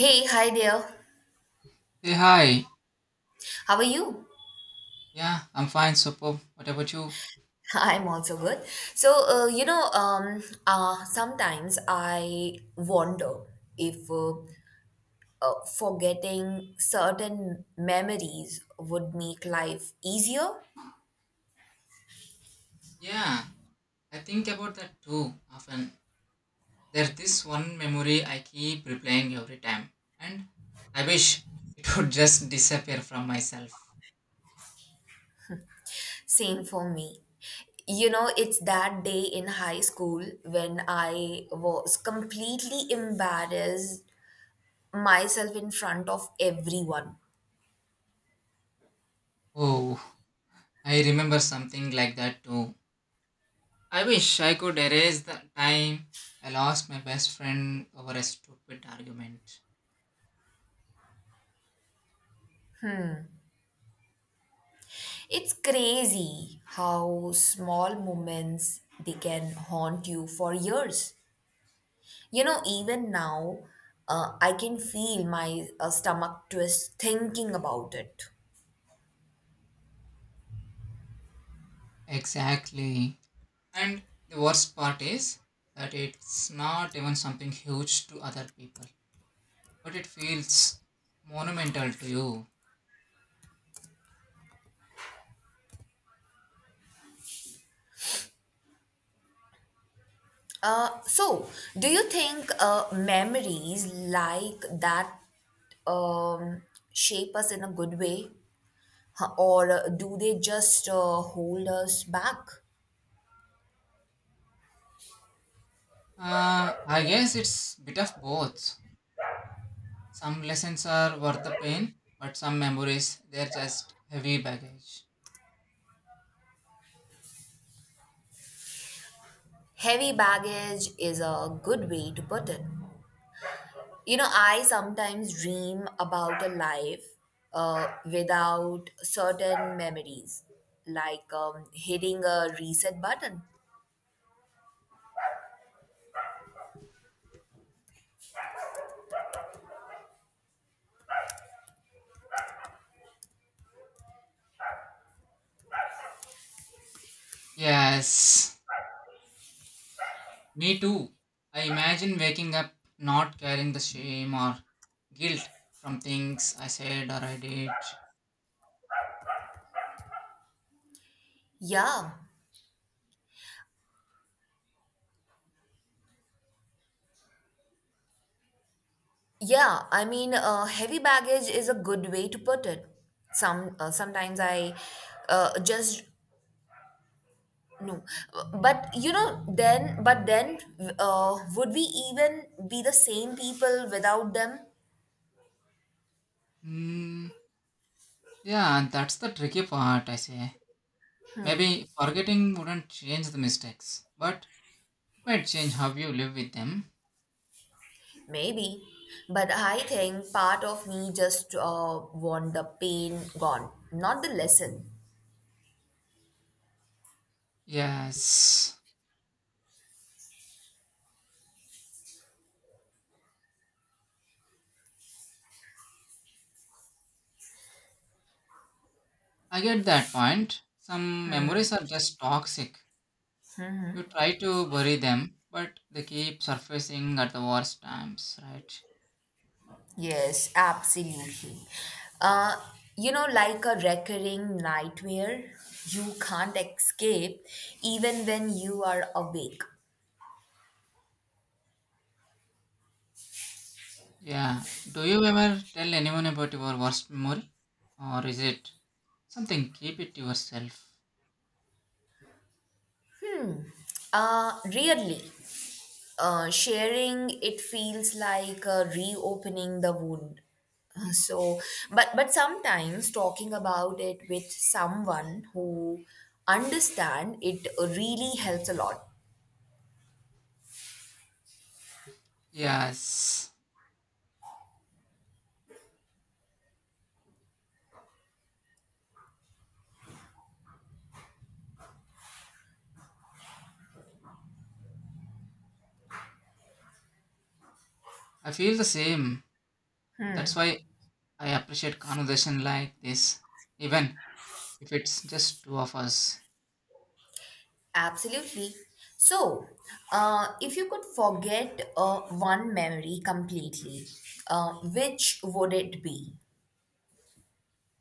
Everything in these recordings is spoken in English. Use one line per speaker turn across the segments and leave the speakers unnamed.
Hey, hi there.
Hey, hi.
How are you?
Yeah, I'm fine, superb. What about you?
I'm also good. Sometimes I wonder if forgetting certain memories would make life easier.
Yeah, I think about that too often. There's this one memory I keep replaying every time, and I wish it would just disappear from myself.
Same for me. You know, it's that day in high school when I was completely embarrassed myself in front of everyone.
Oh, I remember something like that too. I wish I could erase the time I lost my best friend over a stupid argument.
It's crazy how small moments they can haunt you for years. You know, even now, I can feel my stomach twist thinking about it.
Exactly. And the worst part is that it's not even something huge to other people but it feels monumental to you.
Uh, so, do you think memories like that um, shape us in a good way, huh, or do they just hold us back?
I guess it's bit of both. Some lessons are worth the pain, but some memories, they're just heavy baggage.
Heavy baggage is a good way to put it. You know, I sometimes dream about a life without certain memories, like hitting a reset button.
Yes, me too. I imagine waking up not carrying the shame or guilt from things I said or I did.
Yeah, yeah. I mean, heavy baggage is a good way to put it. Sometimes I just no, but you know, then but then would we even be the same people without them?
Hmm. Yeah, that's the tricky part, I say. Maybe forgetting wouldn't change the mistakes, but it might change how you live with them.
Maybe, but I think part of me just want the pain gone, not the lesson.
Yes. I get that point. Some memories are just toxic. You try to bury them, but they keep surfacing at the worst times, right?
Yes, absolutely. Uh, you know, like a recurring nightmare you can't escape even when you are awake.
Yeah. Do you ever tell anyone about your worst memory? Or is it something keep it to yourself?
Really, sharing it feels like reopening the wound. Uh, so but sometimes talking about it with someone who understand it really helps a lot.
Yes. I feel the same. That's why I appreciate conversation like this, even if it's just two of us.
Absolutely, so if you could forget one memory completely, uh, which would it be?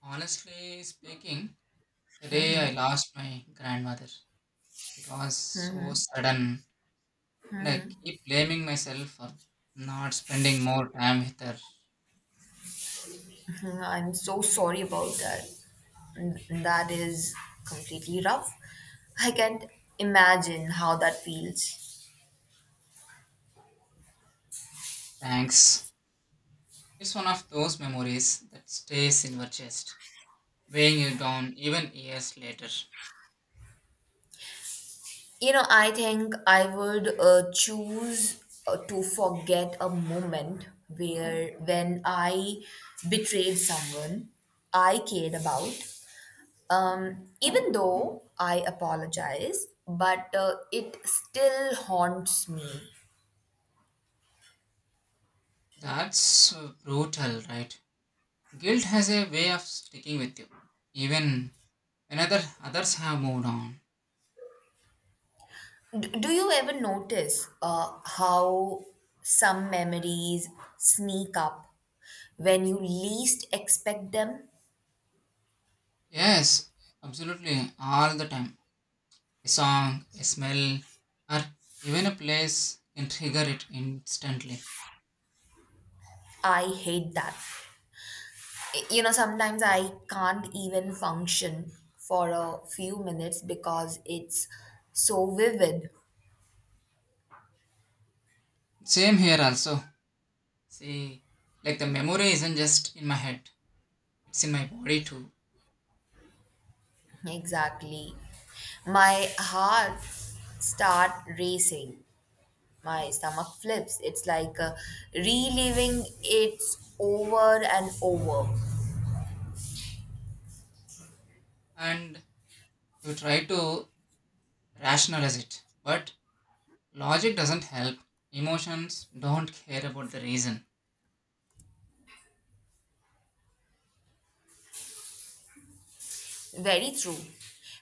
Honestly speaking, the day I lost my grandmother, it was so sudden and I keep blaming myself for not spending more time with her.
Mm, I'm so sorry about that. That is completely rough. I can't imagine how that feels.
Thanks. It's one of those memories that stays in your chest, weighing you down even years later.
You know, I think I would choose to forget a moment where when I betrayed someone I cared about. Even though I apologize, but it still haunts me.
That's brutal, right? Guilt has a way of sticking with you, even when others have moved on.
Do you ever notice how some memories sneak up when you least expect them?
Yes, absolutely, all the time. A song, a smell, or even a place can trigger it instantly.
I hate that. You know, sometimes I can't even function for a few minutes because it's so vivid.
Same here also. See, like the memory isn't just in my head, it's in my body too.
Exactly. My heart start racing. My stomach flips. It's like reliving it over and over.
And you try to rationalize it, but logic doesn't help. Emotions don't care about the reason.
Very true.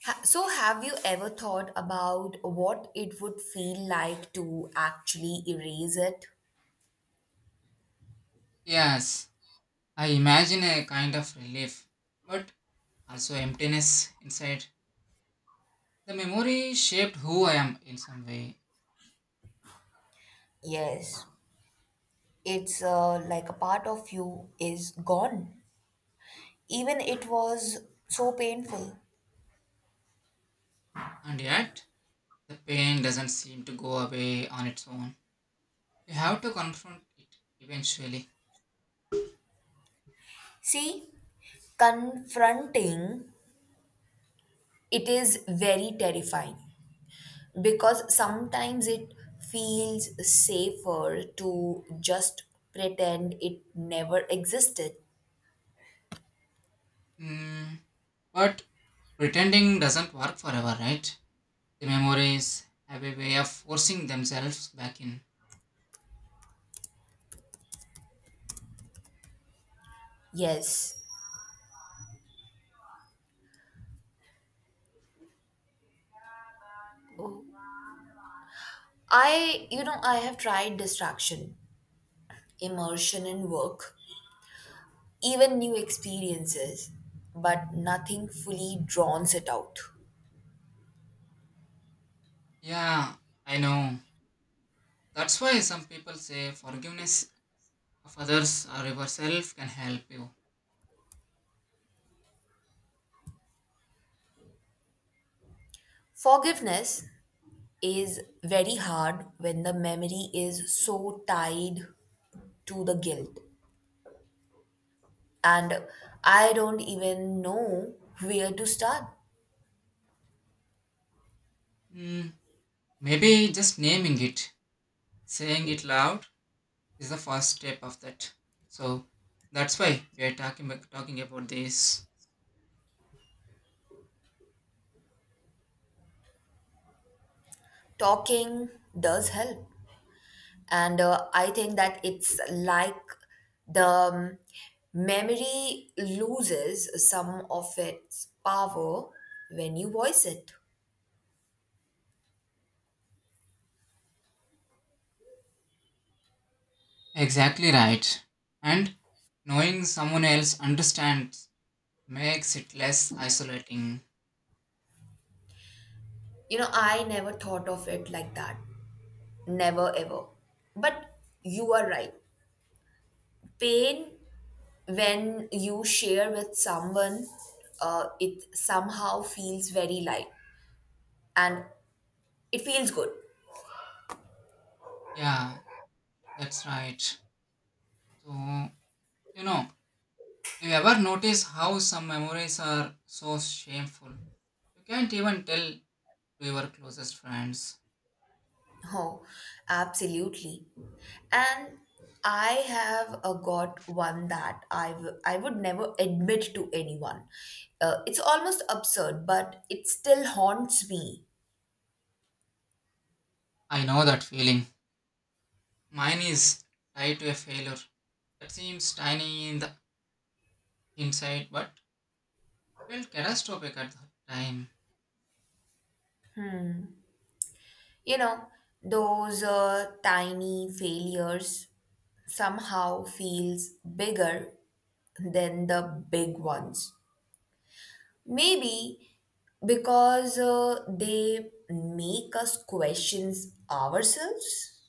So, have you ever thought about what it would feel like to actually erase it?
Yes, I imagine a kind of relief, but also emptiness inside. The memory shaped who I am in some way,
Yes, it's like a part of you is gone. Even it was so painful.
and yet the pain doesn't seem to go away on its own. You have to confront it eventually.
See, confronting, it is very terrifying because sometimes it feels safer to just pretend it never existed.
Hmm. But pretending doesn't work forever, right? The memories have a way of forcing themselves back in.
Yes. I have tried distraction, immersion in work, even new experiences, but nothing fully drowns it out.
Yeah, I know. That's why some people say forgiveness of others or yourself can help you.
Forgiveness is very hard when the memory is so tied to the guilt, and I don't even know where to start.
Hmm, maybe just naming it, saying it loud is the first step of that. So that's why we are talking about this.
Talking does help. And I think that it's like the memory loses some of its power when you voice it.
Exactly right. And knowing someone else understands makes it less isolating.
You know, I never thought of it like that, never ever, but you are right. Pain, when you share with someone, it somehow feels very light, and it feels good.
Yeah, that's right. So, you know, you ever notice how some memories are so shameful? You can't even tell to your closest friends.
Oh, absolutely. And I have got one that I would never admit to anyone. It's almost absurd, but it still haunts me.
I know that feeling. Mine is tied to a failure that seems tiny in the inside but felt catastrophic at that time.
You know, those tiny failures somehow feels bigger than the big ones. Maybe because they make us questions ourselves.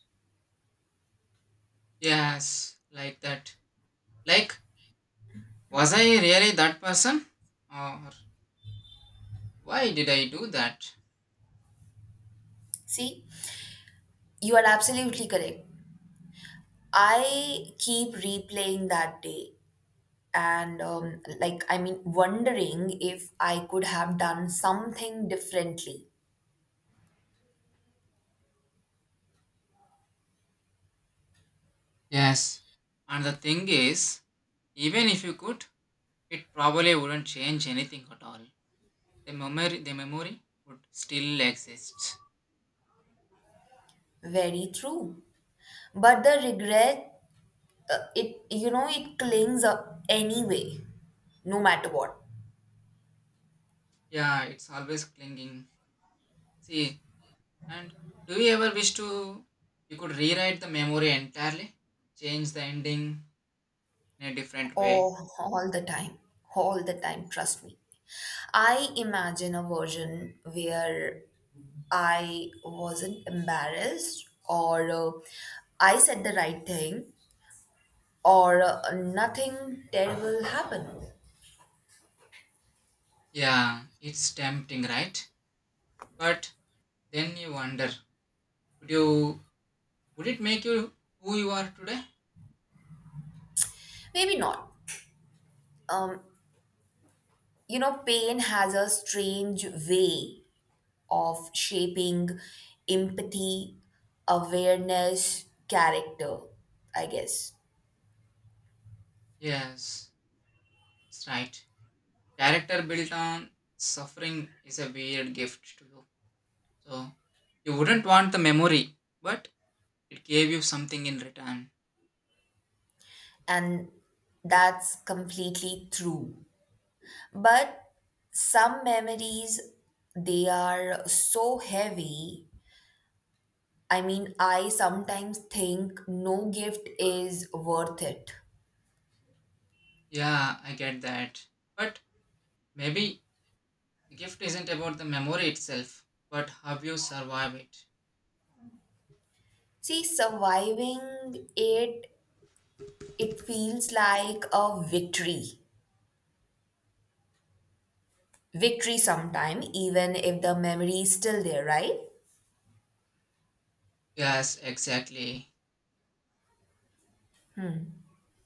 Yes, like that. Like, was I really that person? Or why did I do that?
See, you are absolutely correct. I keep replaying that day and, wondering if I could have done something differently.
Yes. And the thing is, even if you could, it probably wouldn't change anything at all. The memory would still exist.
Very true. But the regret, it clings up anyway, no matter what.
Yeah, it's always clinging. See, and do you ever wish to you could rewrite the memory entirely, change the ending in a different way?
Oh, all the time. All the time, trust me. I imagine a version where I wasn't embarrassed or I said the right thing or nothing terrible happened.
Yeah, it's tempting, right? But then you wonder, would you would it make you who you are today?
Maybe not. Um, you know, pain has a strange way of shaping empathy, awareness, character, I guess.
Yes, it's right. Character built on suffering is a weird gift to you. So you wouldn't want the memory, but it gave you something in return.
And that's completely true. But some memories, they are so heavy. I mean, I sometimes think no gift is worth it.
Yeah, I get that. But maybe the gift isn't about the memory itself, but how you survive it.
See, surviving it, it feels like a victory. Victory sometime, even if the memory is still there, right?
Yes, exactly.